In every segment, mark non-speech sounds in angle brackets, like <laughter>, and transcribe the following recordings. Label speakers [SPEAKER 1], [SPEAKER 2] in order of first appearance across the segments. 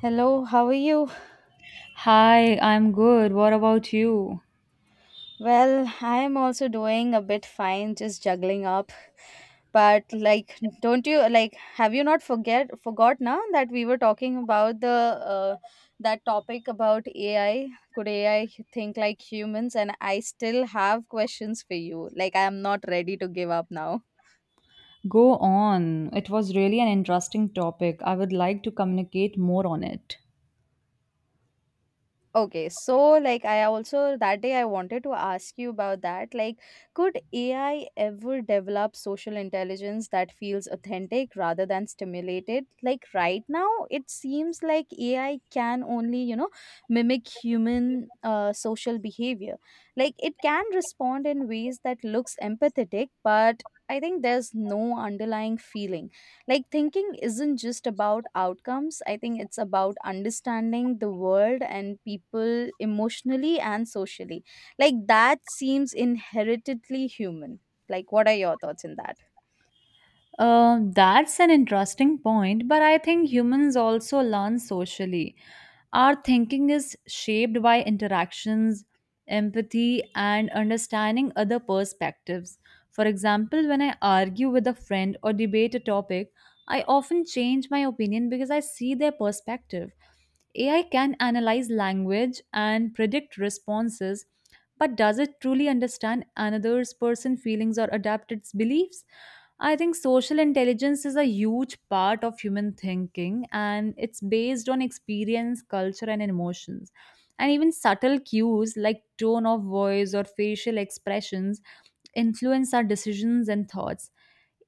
[SPEAKER 1] Hello, how are you?
[SPEAKER 2] Hi, I'm good. What about you?
[SPEAKER 1] Well, I am also doing a bit fine, just juggling up. But like, don't you like? Have you not forget forgot now that we were talking about the uh, that topic about AI? Could AI think like humans? And I still have questions for you. Like, I am not ready to give up now.
[SPEAKER 2] Go on. It was really an interesting topic. I would like to communicate more on it.
[SPEAKER 1] Okay, so like, I also, that day, I wanted to ask you about that. Like, could AI ever develop social intelligence that feels authentic rather than stimulated? Like, right now, it seems like AI can only, you know, mimic human social behavior. Like, it can respond in ways that looks empathetic, but I think there's no underlying feeling. Like, thinking isn't just about outcomes. I think it's about understanding the world and people emotionally and socially. Like, that seems inherently human. Like, what are your thoughts in that?
[SPEAKER 2] That's an interesting point, but I think humans also learn socially. Our thinking is shaped by interactions, empathy, and understanding other perspectives. For example, when I argue with a friend or debate a topic, I often change my opinion because I see their perspective. AI can analyze language and predict responses, but does it truly understand another's person feelings or adapt its beliefs? I think social intelligence is a huge part of human thinking and it's based on experience, culture, and emotions. And even subtle cues like tone of voice or facial expressions influence our decisions and thoughts.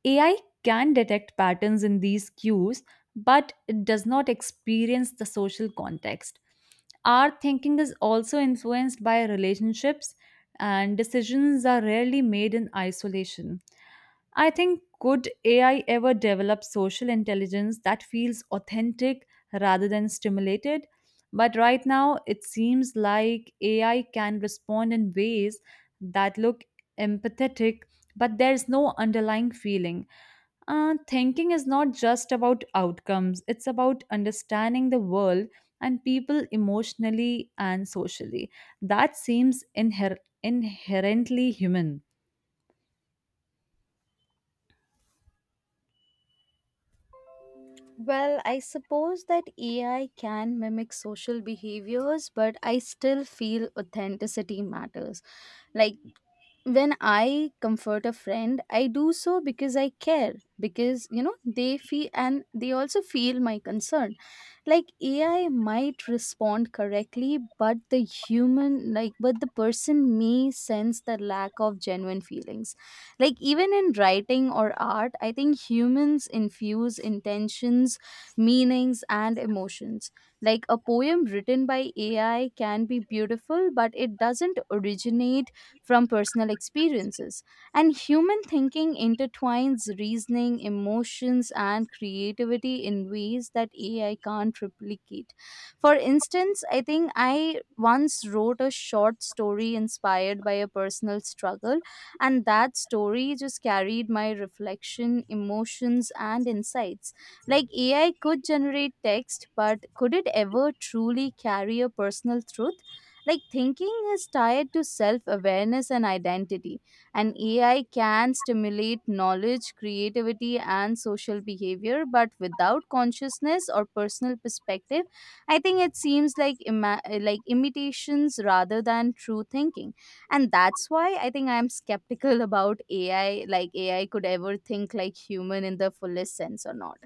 [SPEAKER 2] AI can detect patterns in these cues, but it does not experience the social context. Our thinking is also influenced by relationships, and decisions are rarely made in isolation. I think could AI ever develop social intelligence that feels authentic rather than stimulated? But right now, it seems like AI can respond in ways that look empathetic, but there's no underlying feeling. Thinking is not just about outcomes, it's about understanding the world and people emotionally and socially. That seems inherently human.
[SPEAKER 1] Well, I suppose that AI can mimic social behaviors, but I still feel authenticity matters. Like, when I comfort a friend, I do so because I care, because they feel and they also feel my concern. Like, AI might respond correctly, but the person may sense the lack of genuine feelings. Like, even in writing or art, I think humans infuse intentions, meanings, and emotions. Like, a poem written by AI can be beautiful, but it doesn't originate from personal experiences. And human thinking intertwines reasoning, emotions, and creativity in ways that AI can't replicate. For instance, I think I once wrote a short story inspired by a personal struggle, and that story just carried my reflection, emotions, and insights. Like, AI could generate text, but could it ever truly carry a personal truth? Like, thinking is tied to self awareness and identity, and AI can stimulate knowledge, creativity, and social behavior, but without consciousness or personal perspective, I think it seems like like imitations rather than true thinking, and that's why I think I'm skeptical <laughs> about AI. Like, AI could ever think like human in the fullest sense or not.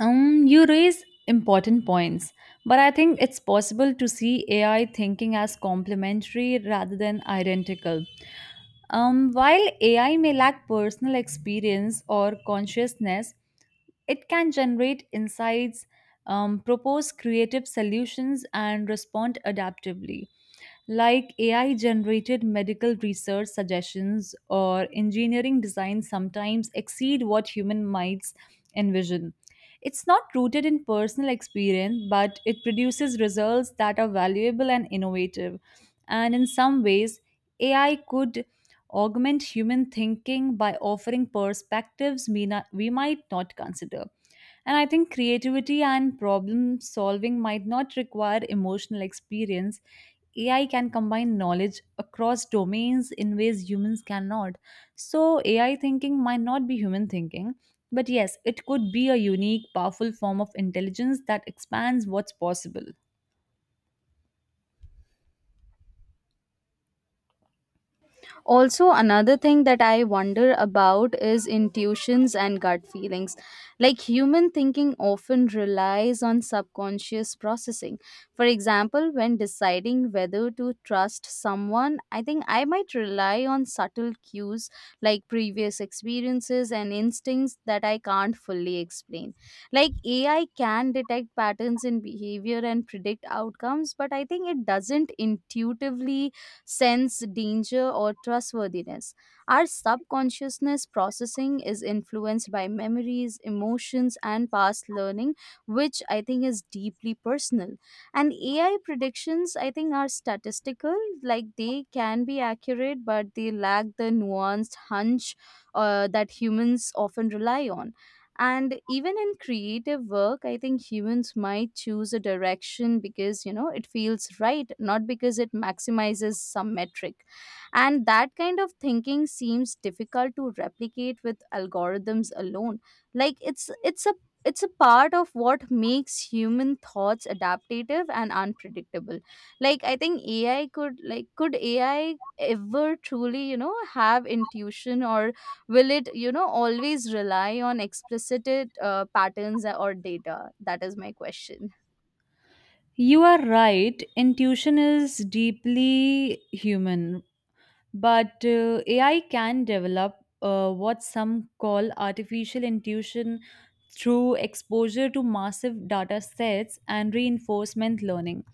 [SPEAKER 2] You raise important points, but I think it's possible to see AI thinking as complementary rather than identical. While AI may lack personal experience or consciousness, it can generate insights, propose creative solutions, and respond adaptively like AI generated medical research suggestions or engineering designs sometimes exceed what human minds envision. It's not rooted in personal experience, but it produces results that are valuable and innovative. And in some ways, AI could augment human thinking by offering perspectives we might not consider. And I think creativity and problem solving might not require emotional experience. AI can combine knowledge across domains in ways humans cannot. So, AI thinking might not be human thinking, but yes, it could be a unique, powerful form of intelligence that expands what's possible.
[SPEAKER 1] Also, another thing that I wonder about is intuitions and gut feelings. Like, human thinking often relies on subconscious processing. For example, when deciding whether to trust someone, I think I might rely on subtle cues like previous experiences and instincts that I can't fully explain. Like, AI can detect patterns in behavior and predict outcomes, but I think it doesn't intuitively sense danger or trustworthiness. Our subconsciousness processing is influenced by memories, emotions, and past learning, which I think is deeply personal. And AI predictions, I think, are statistical. Like, they can be accurate, but they lack the nuanced hunch that humans often rely on. And even in creative work, I think humans might choose a direction because it feels right, not because it maximizes some metric. And that kind of thinking seems difficult to replicate with algorithms alone. Like, it's a part of what makes human thoughts adaptive and unpredictable. Like, I think AI could, like, could AI ever truly have intuition, or will it always rely on explicit patterns or data? That is my question.
[SPEAKER 2] You are right. Intuition is deeply human, but AI can develop what some call artificial intuition through exposure to massive data sets and reinforcement learning.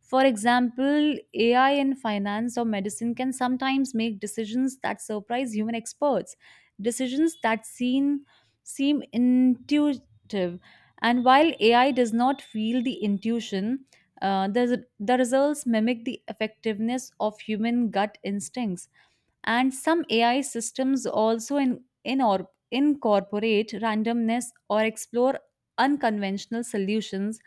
[SPEAKER 2] For example, AI in finance or medicine can sometimes make decisions that surprise human experts, decisions that seem intuitive. And while AI does not feel the intuition, the results mimic the effectiveness of human gut instincts. And some AI systems also incorporate randomness or explore unconventional solutions,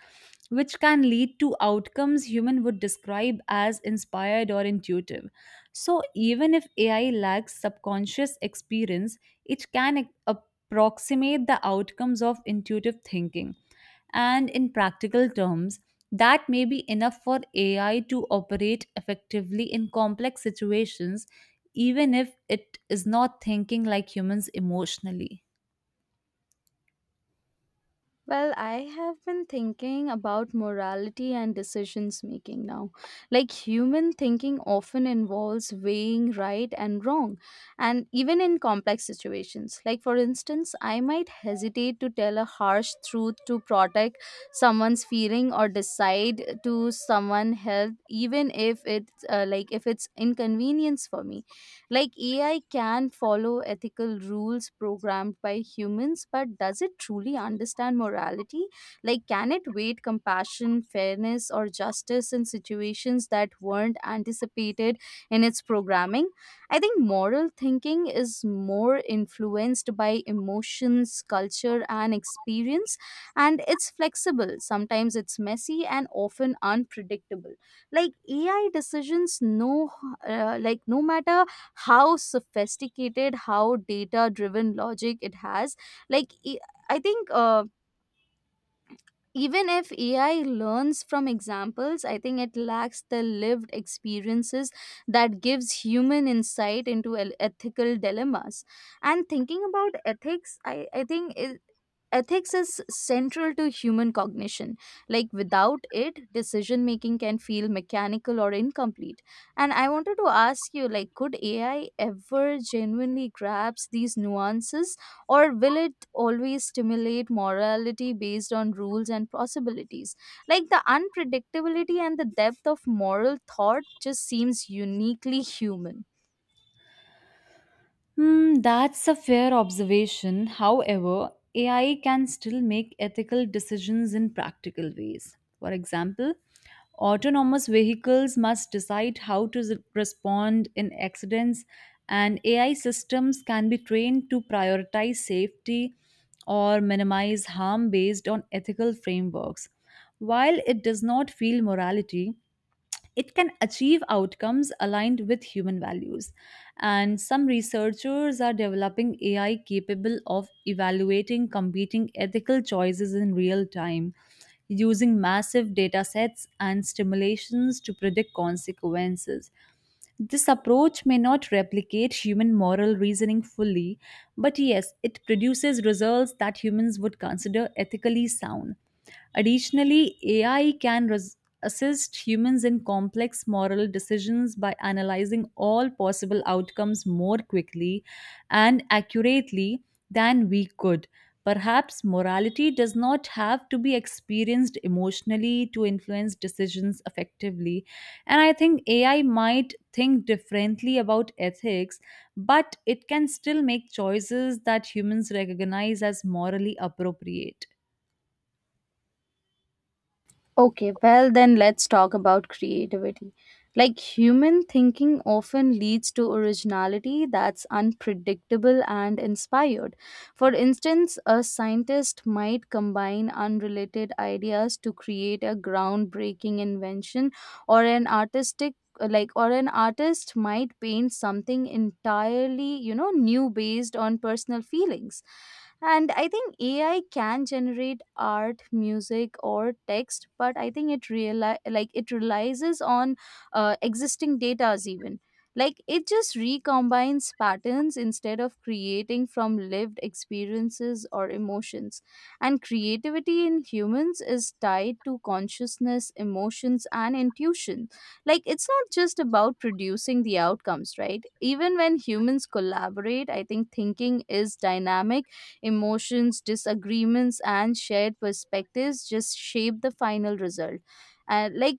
[SPEAKER 2] which can lead to outcomes human would describe as inspired or intuitive. So even if AI lacks subconscious experience, it can approximate the outcomes of intuitive thinking. And in practical terms, that may be enough for AI to operate effectively in complex situations, even if it is not thinking like humans emotionally.
[SPEAKER 1] Well, I have been thinking about morality and decisions making now. Like, human thinking often involves weighing right and wrong, and even in complex situations. Like, for instance, I might hesitate to tell a harsh truth to protect someone's feeling or decide to someone help even if it's, like, if it's inconvenience for me. Like, AI can follow ethical rules programmed by humans, but does it truly understand morality? Like, can it weight compassion, fairness, or justice in situations that weren't anticipated in its programming? I think moral thinking is more influenced by emotions, culture, and experience, and it's flexible. Sometimes it's messy and often unpredictable. Like, AI decisions, no, like, no matter how sophisticated, how data driven logic it has, like, I think, even if AI learns from examples, I think it lacks the lived experiences that gives human insight into ethical dilemmas. And thinking about ethics, ethics is central to human cognition. Like, without it, decision making can feel mechanical or incomplete. And I wanted to ask you, like, could AI ever genuinely grasp these nuances, or will it always stimulate morality based on rules and possibilities? Like, the unpredictability and the depth of moral thought just seems uniquely human.
[SPEAKER 2] Hmm, that's a fair observation. However, AI can still make ethical decisions in practical ways. For example, autonomous vehicles must decide how to respond in accidents, and AI systems can be trained to prioritize safety or minimize harm based on ethical frameworks. While it does not feel morality, it can achieve outcomes aligned with human values. And some researchers are developing AI capable of evaluating competing ethical choices in real time, using massive data sets and stimulations to predict consequences. This approach may not replicate human moral reasoning fully, but yes, it produces results that humans would consider ethically sound. Additionally, AI can assist humans in complex moral decisions by analyzing all possible outcomes more quickly and accurately than we could. Perhaps morality does not have to be experienced emotionally to influence decisions effectively. And I think AI might think differently about ethics, but it can still make choices that humans recognize as morally appropriate.
[SPEAKER 1] Okay, well, then let's talk about creativity. Like, human thinking often leads to originality that's unpredictable and inspired. For instance, a scientist might combine unrelated ideas to create a groundbreaking invention, or an artist might paint something entirely new based on personal feelings. And I think AI can generate art, music, or text, but I think it reali- like it relies on existing datas, even. Like, it just recombines patterns instead of creating from lived experiences or emotions. And creativity in humans is tied to consciousness, emotions, and intuition. Like, it's not just about producing the outcomes, right? Even when humans collaborate, I think thinking is dynamic. Emotions, disagreements, and shared perspectives just shape the final result. And like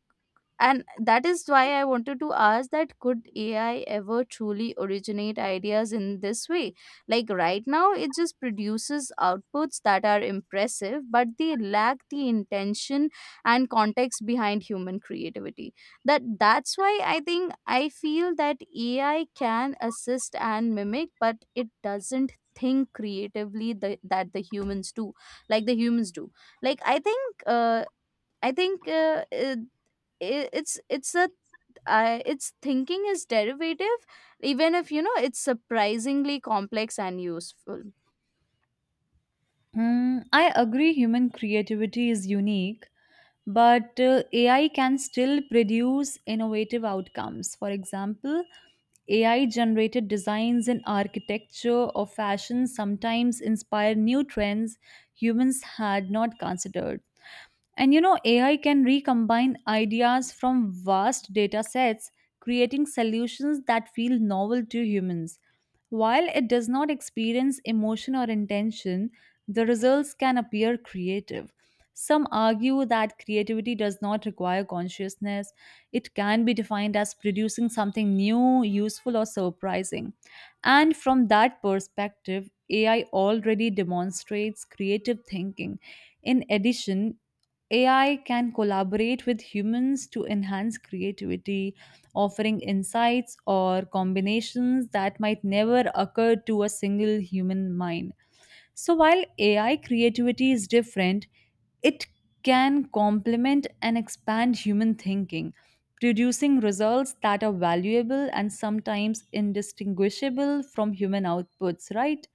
[SPEAKER 1] and that is why I wanted to ask that could AI ever truly originate ideas in this way. Like, right now it just produces outputs that are impressive, but they lack the intention and context behind human creativity. That's why I think I feel that AI can assist and mimic, but it doesn't think creatively that the humans do. Like, the humans do. Like, I think I think it, it- it's a I its thinking is derivative, even if it's surprisingly complex and useful.
[SPEAKER 2] Hmm, I agree human creativity is unique, but AI can still produce innovative outcomes. For example, AI generated designs in architecture or fashion sometimes inspire new trends humans had not considered. And you know, AI can recombine ideas from vast data sets, creating solutions that feel novel to humans. While it does not experience emotion or intention, the results can appear creative. Some argue that creativity does not require consciousness. It can be defined as producing something new, useful, or surprising. And from that perspective, AI already demonstrates creative thinking. In addition, AI can collaborate with humans to enhance creativity, offering insights or combinations that might never occur to a single human mind. So while AI creativity is different, it can complement and expand human thinking, producing results that are valuable and sometimes indistinguishable from human outputs, right?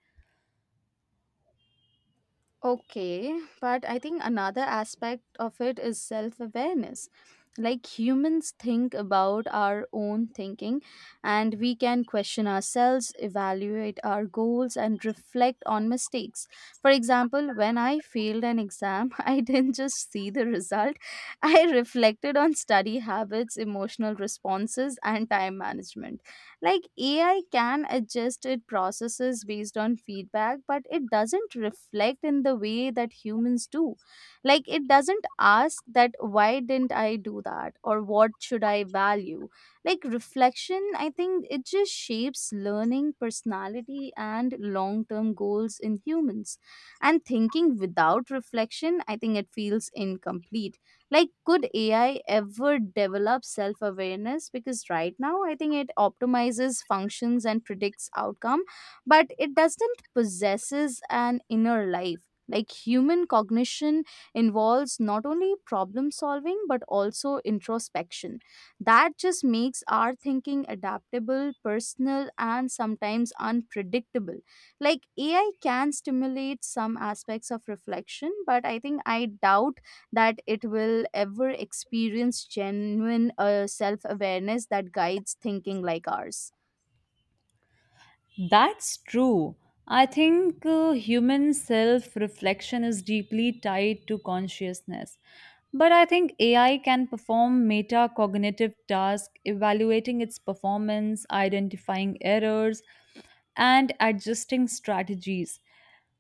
[SPEAKER 1] Okay, but I think another aspect of it is self awareness. Like, humans think about our own thinking, and we can question ourselves, evaluate our goals, and reflect on mistakes. For example, when I failed an exam, <laughs> I didn't just see the result, I reflected on study habits, emotional responses, and time management. Like, AI can adjust its processes based on feedback, but it doesn't reflect in the way that humans do. Like, it doesn't ask that why didn't I do that or what should I value. Like, reflection, I think it just shapes learning, personality, and long term goals in humans. And thinking without reflection, I think it feels incomplete. Like, could AI ever develop self awareness? Because right now, I think it optimizes functions and predicts outcome, but it doesn't possesses an inner life. Like, human cognition involves not only problem solving but also introspection. That just makes our thinking adaptable, personal, and sometimes unpredictable. Like, AI can stimulate some aspects of reflection, but I think I doubt that it will ever experience genuine self awareness that guides thinking like ours.
[SPEAKER 2] That's true. I think human self reflection is deeply tied to consciousness. But I think AI can perform metacognitive tasks, evaluating its performance, identifying errors, and adjusting strategies.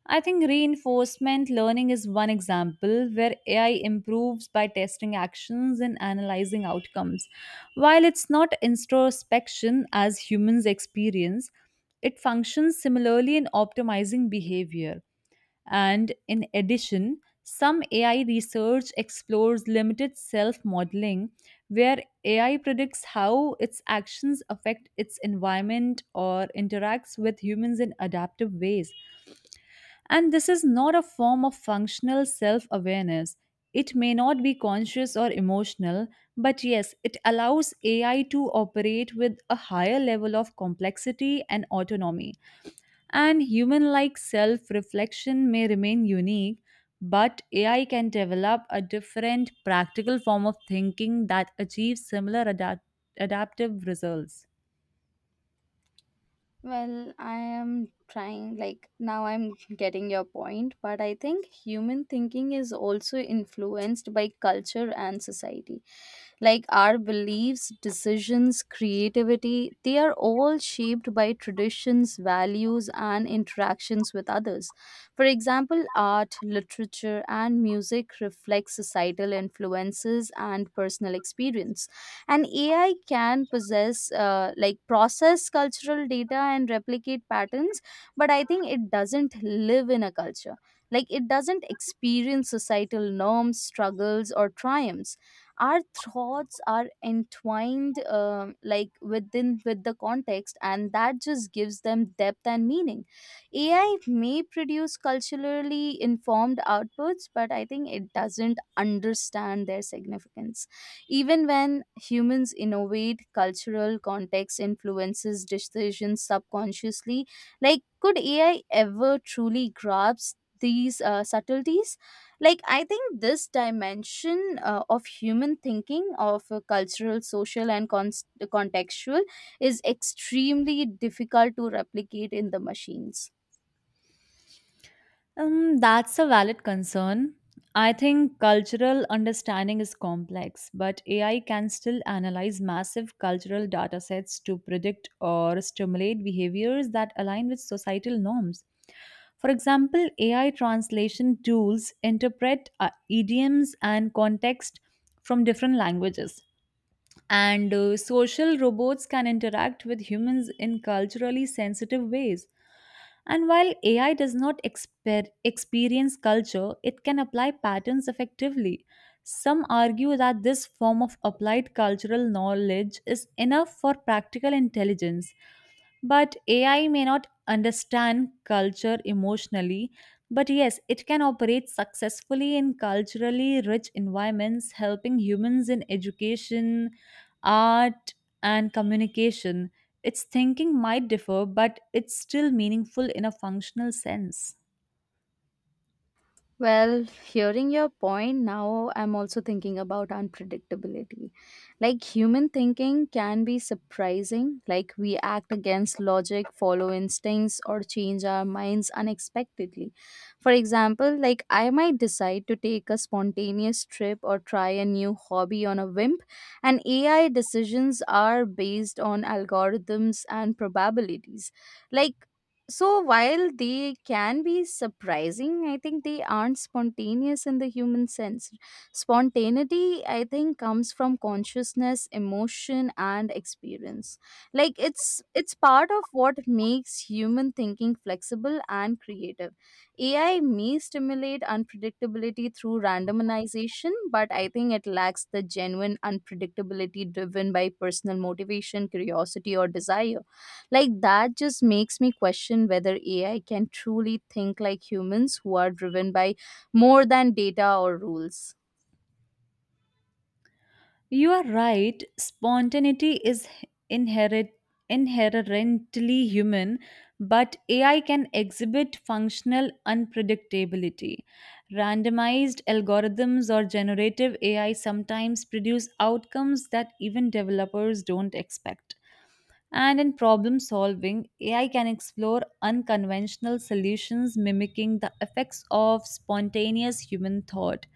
[SPEAKER 2] I think reinforcement learning is one example where AI improves by testing actions and analyzing outcomes. While it's not introspection as humans experience, it functions similarly in optimizing behavior. And in addition, some AI research explores limited self modeling, where AI predicts how its actions affect its environment or interacts with humans in adaptive ways. And this is not a form of functional self awareness. It may not be conscious or emotional, but yes, it allows AI to operate with a higher level of complexity and autonomy. And human like self reflection may remain unique, but AI can develop a different practical form of thinking that achieves similar adaptive results.
[SPEAKER 1] Well, I am trying, like, now I'm getting your point, but I think human thinking is also influenced by culture and society. Like, our beliefs, decisions, creativity, they are all shaped by traditions, values, and interactions with others. For example, art, literature, and music reflect societal influences and personal experience. And AI can possess like, process cultural data and replicate patterns, but I think it doesn't live in a culture. Like, it doesn't experience societal norms, struggles, or triumphs. Our thoughts are entwined, like, with the context, and that just gives them depth and meaning. AI may produce culturally informed outputs, but I think it doesn't understand their significance. Even when humans innovate, cultural context influences decisions subconsciously. Like, could AI ever truly grasp these subtleties? Like, I think this dimension, of human thinking, of cultural, social, and contextual, is extremely difficult to replicate in the machines.
[SPEAKER 2] That's a valid concern. I think cultural understanding is complex, but AI can still analyze massive cultural data sets to predict or stimulate behaviors that align with societal norms. For example, AI translation tools interpret idioms and context from different languages. And social robots can interact with humans in culturally sensitive ways. And while AI does not experience culture, it can apply patterns effectively. Some argue that this form of applied cultural knowledge is enough for practical intelligence. But AI may not understand culture emotionally, but yes, it can operate successfully in culturally rich environments, helping humans in education, art, and communication. Its thinking might differ, but it's still meaningful in a functional sense.
[SPEAKER 1] Well, hearing your point now, I'm also thinking about unpredictability. Like, human thinking can be surprising, like, we act against logic, follow instincts, or change our minds unexpectedly. For example, like, I might decide to take a spontaneous trip or try a new hobby on a whim, and AI decisions are based on algorithms and probabilities. Like, so while they can be surprising, I think they aren't spontaneous in the human sense. Spontaneity, I think, comes from consciousness, emotion, and experience. Like, it's part of what makes human thinking flexible and creative. AI may stimulate unpredictability through randomization, but I think it lacks the genuine unpredictability driven by personal motivation, curiosity, or desire. Like, that just makes me question whether AI can truly think like humans who are driven by more than data or rules.
[SPEAKER 2] You are right. Spontaneity is inherent, inherently human, but AI can exhibit functional unpredictability. Randomized algorithms or generative AI sometimes produce outcomes that even developers don't expect. And in problem solving, AI can explore unconventional solutions mimicking the effects of spontaneous human thought.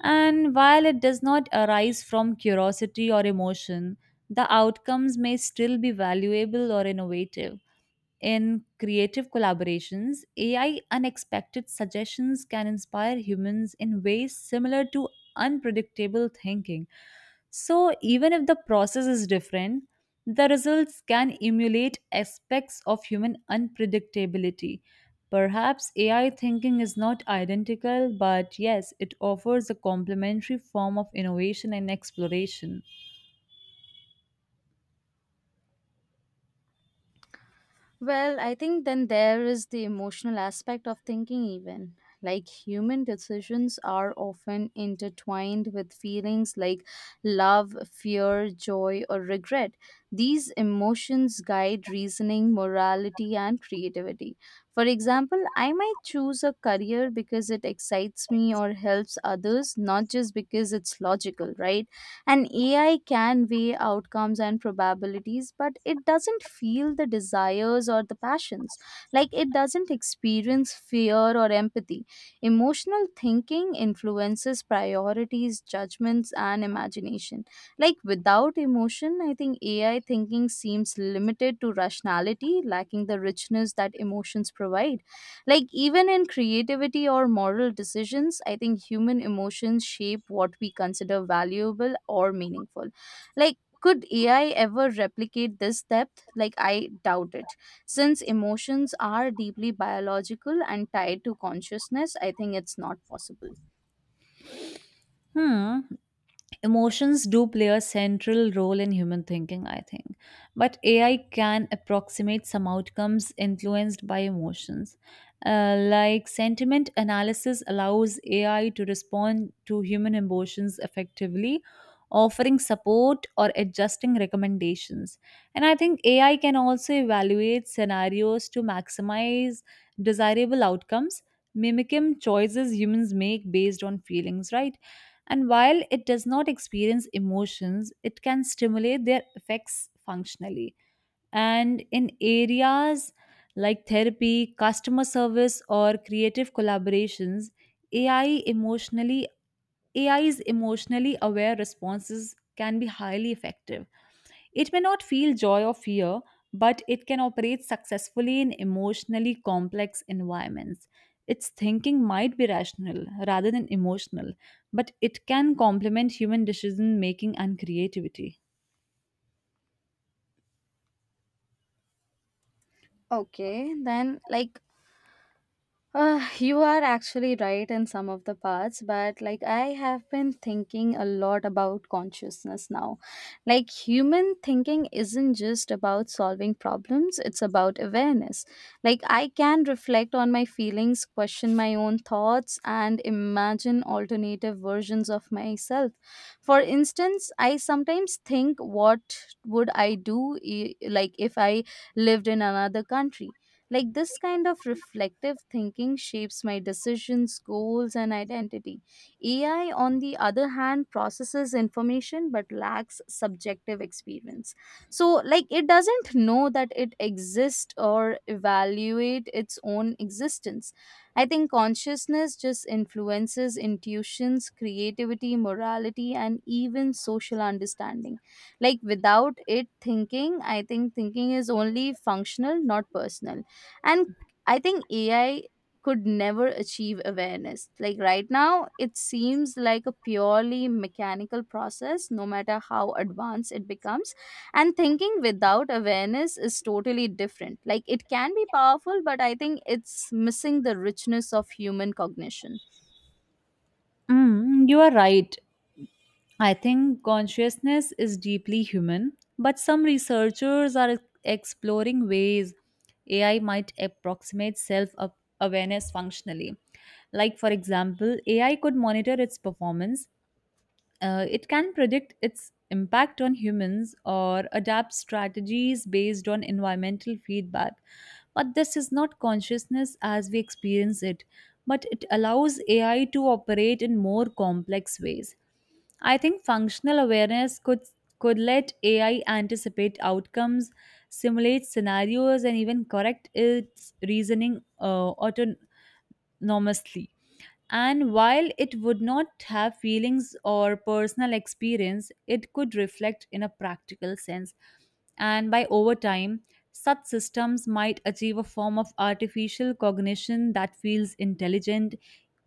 [SPEAKER 2] And while it does not arise from curiosity or emotion, the outcomes may still be valuable or innovative. In creative collaborations, AI unexpected suggestions can inspire humans in ways similar to unpredictable thinking. So, even if the process is different, the results can emulate aspects of human unpredictability. Perhaps AI thinking is not identical, but yes, it offers a complementary form of innovation and exploration.
[SPEAKER 1] Well, I think then there is the emotional aspect of thinking, even. Like, human decisions are often intertwined with feelings like love, fear, joy, or regret. These emotions guide reasoning, morality, and creativity. For example, I might choose a career because it excites me or helps others, not just because it's logical, right? And AI can weigh outcomes and probabilities, but it doesn't feel the desires or the passions. Like it doesn't experience fear or empathy. Emotional thinking influences priorities, judgments, and imagination. Like without emotion, I think AI thinking seems limited to rationality, lacking the richness that emotions provide. Like, even in creativity or moral decisions, I think human emotions shape what we consider valuable or meaningful. Like, could AI ever replicate this depth? Like, I doubt it. Since emotions are deeply biological and tied to consciousness, I think it's not possible.
[SPEAKER 2] Hmm. Emotions do play a central role in human thinking, I think. But AI can approximate some outcomes influenced by emotions. Like sentiment analysis allows AI to respond to human emotions effectively, offering support or adjusting recommendations. And I think AI can also evaluate scenarios to maximize desirable outcomes, mimicking choices humans make based on feelings, right? And while it does not experience emotions, it can stimulate their effects functionally. And in areas like therapy, customer service, or creative collaborations, AI emotionally AI's emotionally aware responses can be highly effective. It may not feel joy or fear, but it can operate successfully in emotionally complex environments. Its thinking might be rational rather than emotional, but it can complement human decision making and creativity.
[SPEAKER 1] Okay, then, like, you are actually right in some of the parts, but like I have been thinking a lot about consciousness now. Like human thinking isn't just about solving problems, it's about awareness. Like I can reflect on my feelings, question my own thoughts, and imagine alternative versions of myself. For instance, I sometimes think, what would like if I lived in another country? Like this kind of reflective thinking shapes my decisions, goals, and identity. AI, on the other hand, processes information but lacks subjective experience. So, like, it doesn't know that it exists or evaluate its own existence. I think consciousness just influences intuitions, creativity, morality, and even social understanding. Like, without it thinking, I think thinking is only functional, not personal, and I think AI could never achieve awareness. Like right now it seems like a purely mechanical process, no matter how advanced it becomes. And thinking without awareness is totally different. Like it can be powerful, but I think it's missing the richness of human cognition.
[SPEAKER 2] Mm, you are right. I think consciousness is deeply human, but some researchers are exploring ways AI might approximate self awareness functionally. Like, for example, AI could monitor its performance. It can predict its impact on humans or adapt strategies based on environmental feedback. But this is not consciousness as we experience it, but it allows AI to operate in more complex ways. I think functional awareness could let AI anticipate outcomes, simulate scenarios, and even correct its reasoning autonomously. And while it would not have feelings or personal experience, it could reflect in a practical sense. And by over time, such systems might achieve a form of artificial cognition that feels intelligent,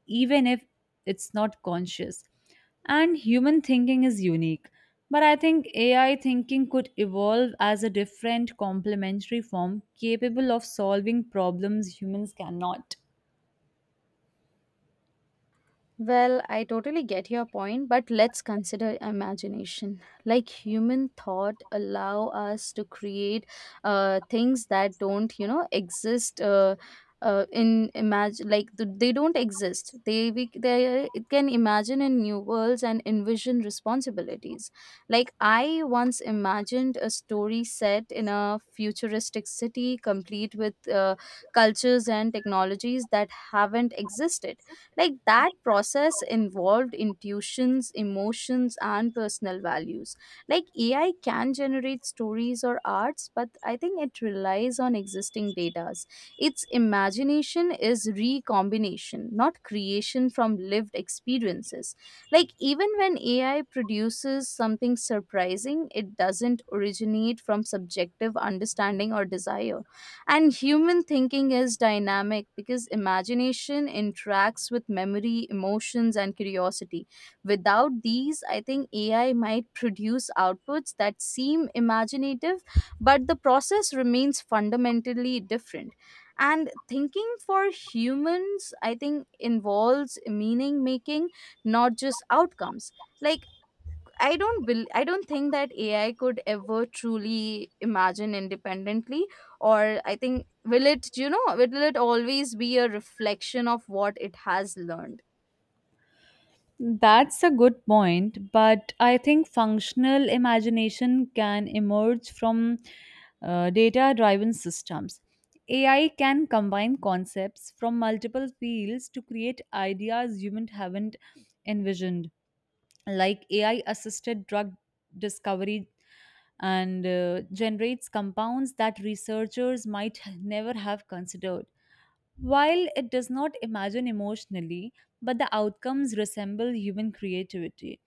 [SPEAKER 2] even if it's not conscious. And human thinking is unique. But I think AI thinking could evolve as a different complementary form capable of solving problems humans cannot.
[SPEAKER 1] Well, I totally get your point, but let's consider imagination. Like human thought allow us to create things that don't, you know, exist in imagine like th- they don't exist. They we they it can imagine in new worlds and envision responsibilities. Like I once imagined a story set in a futuristic city, complete with cultures and technologies that haven't existed. Like that process involved intuitions, emotions, and personal values. Like AI can generate stories or arts, but I think it relies on existing data. Its imagination is recombination, not creation from lived experiences. Like even when AI produces something surprising, it doesn't originate from subjective understanding or desire. And human thinking is dynamic because imagination interacts with memory, emotions, and curiosity. Without these, I think AI might produce outputs that seem imaginative, but the process remains fundamentally different. And thinking for humans, I think, involves meaning making, not just outcomes. Like I don't think that AI could ever truly imagine independently, or I think will it, you know, will it always be a reflection of what it has learned?
[SPEAKER 2] That's a good point, but I think functional imagination can emerge from data driven systems. AI can combine concepts from multiple fields to create ideas humans haven't envisioned, like AI assisted drug discovery and generates compounds that researchers might never have considered. While it does not imagine emotionally, but the outcomes resemble human creativity.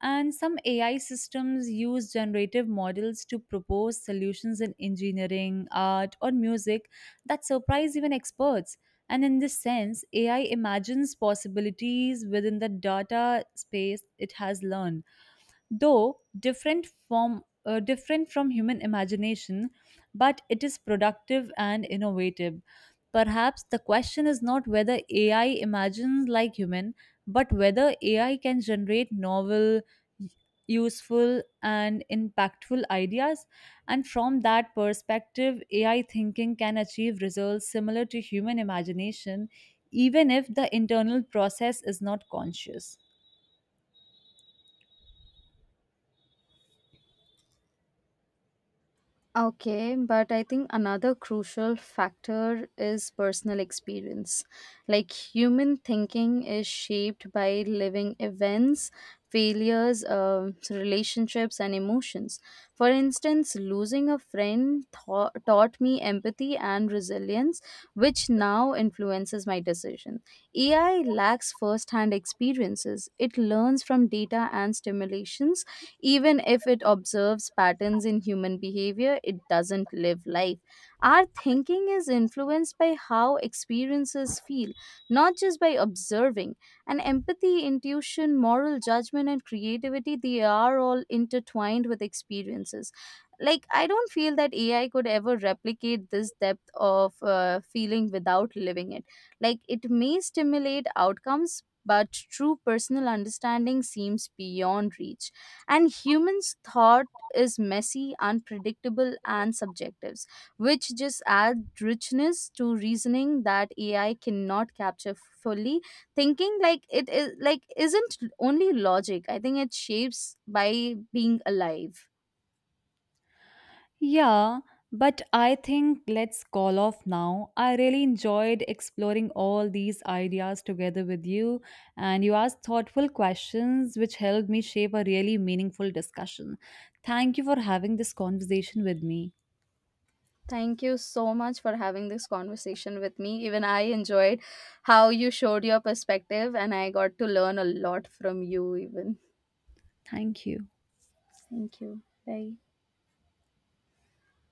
[SPEAKER 2] And some AI systems use generative models to propose solutions in engineering, art, or music that surprise even experts. And in this sense, AI imagines possibilities within the data space it has learned, though different from human imagination, but it is productive and innovative. Perhaps the question is not whether AI imagines like human, but whether AI can generate novel, useful, and impactful ideas. And from that perspective, AI thinking can achieve results similar to human imagination, even if the internal process is not conscious.
[SPEAKER 1] Okay, but I think another crucial factor is personal experience. Like human thinking is shaped by living events, failures, relationships, and emotions. For instance, losing a friend taught me empathy and resilience, which now influences my decision. AI lacks first hand experiences. It learns from data and stimulations. Even if it observes patterns in human behavior, it doesn't live life. Our thinking is influenced by how experiences feel, not just by observing. And empathy, intuition, moral judgment, and creativity, they are all intertwined with experiences. Like, I don't feel that AI could ever replicate this depth of feeling without living it. Like, it may stimulate outcomes, but true personal understanding seems beyond reach. And humans thought is messy, unpredictable, and subjective, which just add richness to reasoning that AI cannot capture fully. Thinking, like it is, like isn't only logic. I think it shapes by being alive.
[SPEAKER 2] Yeah, but I think let's call off now. I really enjoyed exploring all these ideas together with you, and you asked thoughtful questions which helped me shape a really meaningful discussion. Thank you for having this conversation with me.
[SPEAKER 1] Thank you so much for having this conversation with me. Even I enjoyed how you showed your perspective and I got to learn a lot from you even.
[SPEAKER 2] Thank you.
[SPEAKER 1] Thank you. Bye.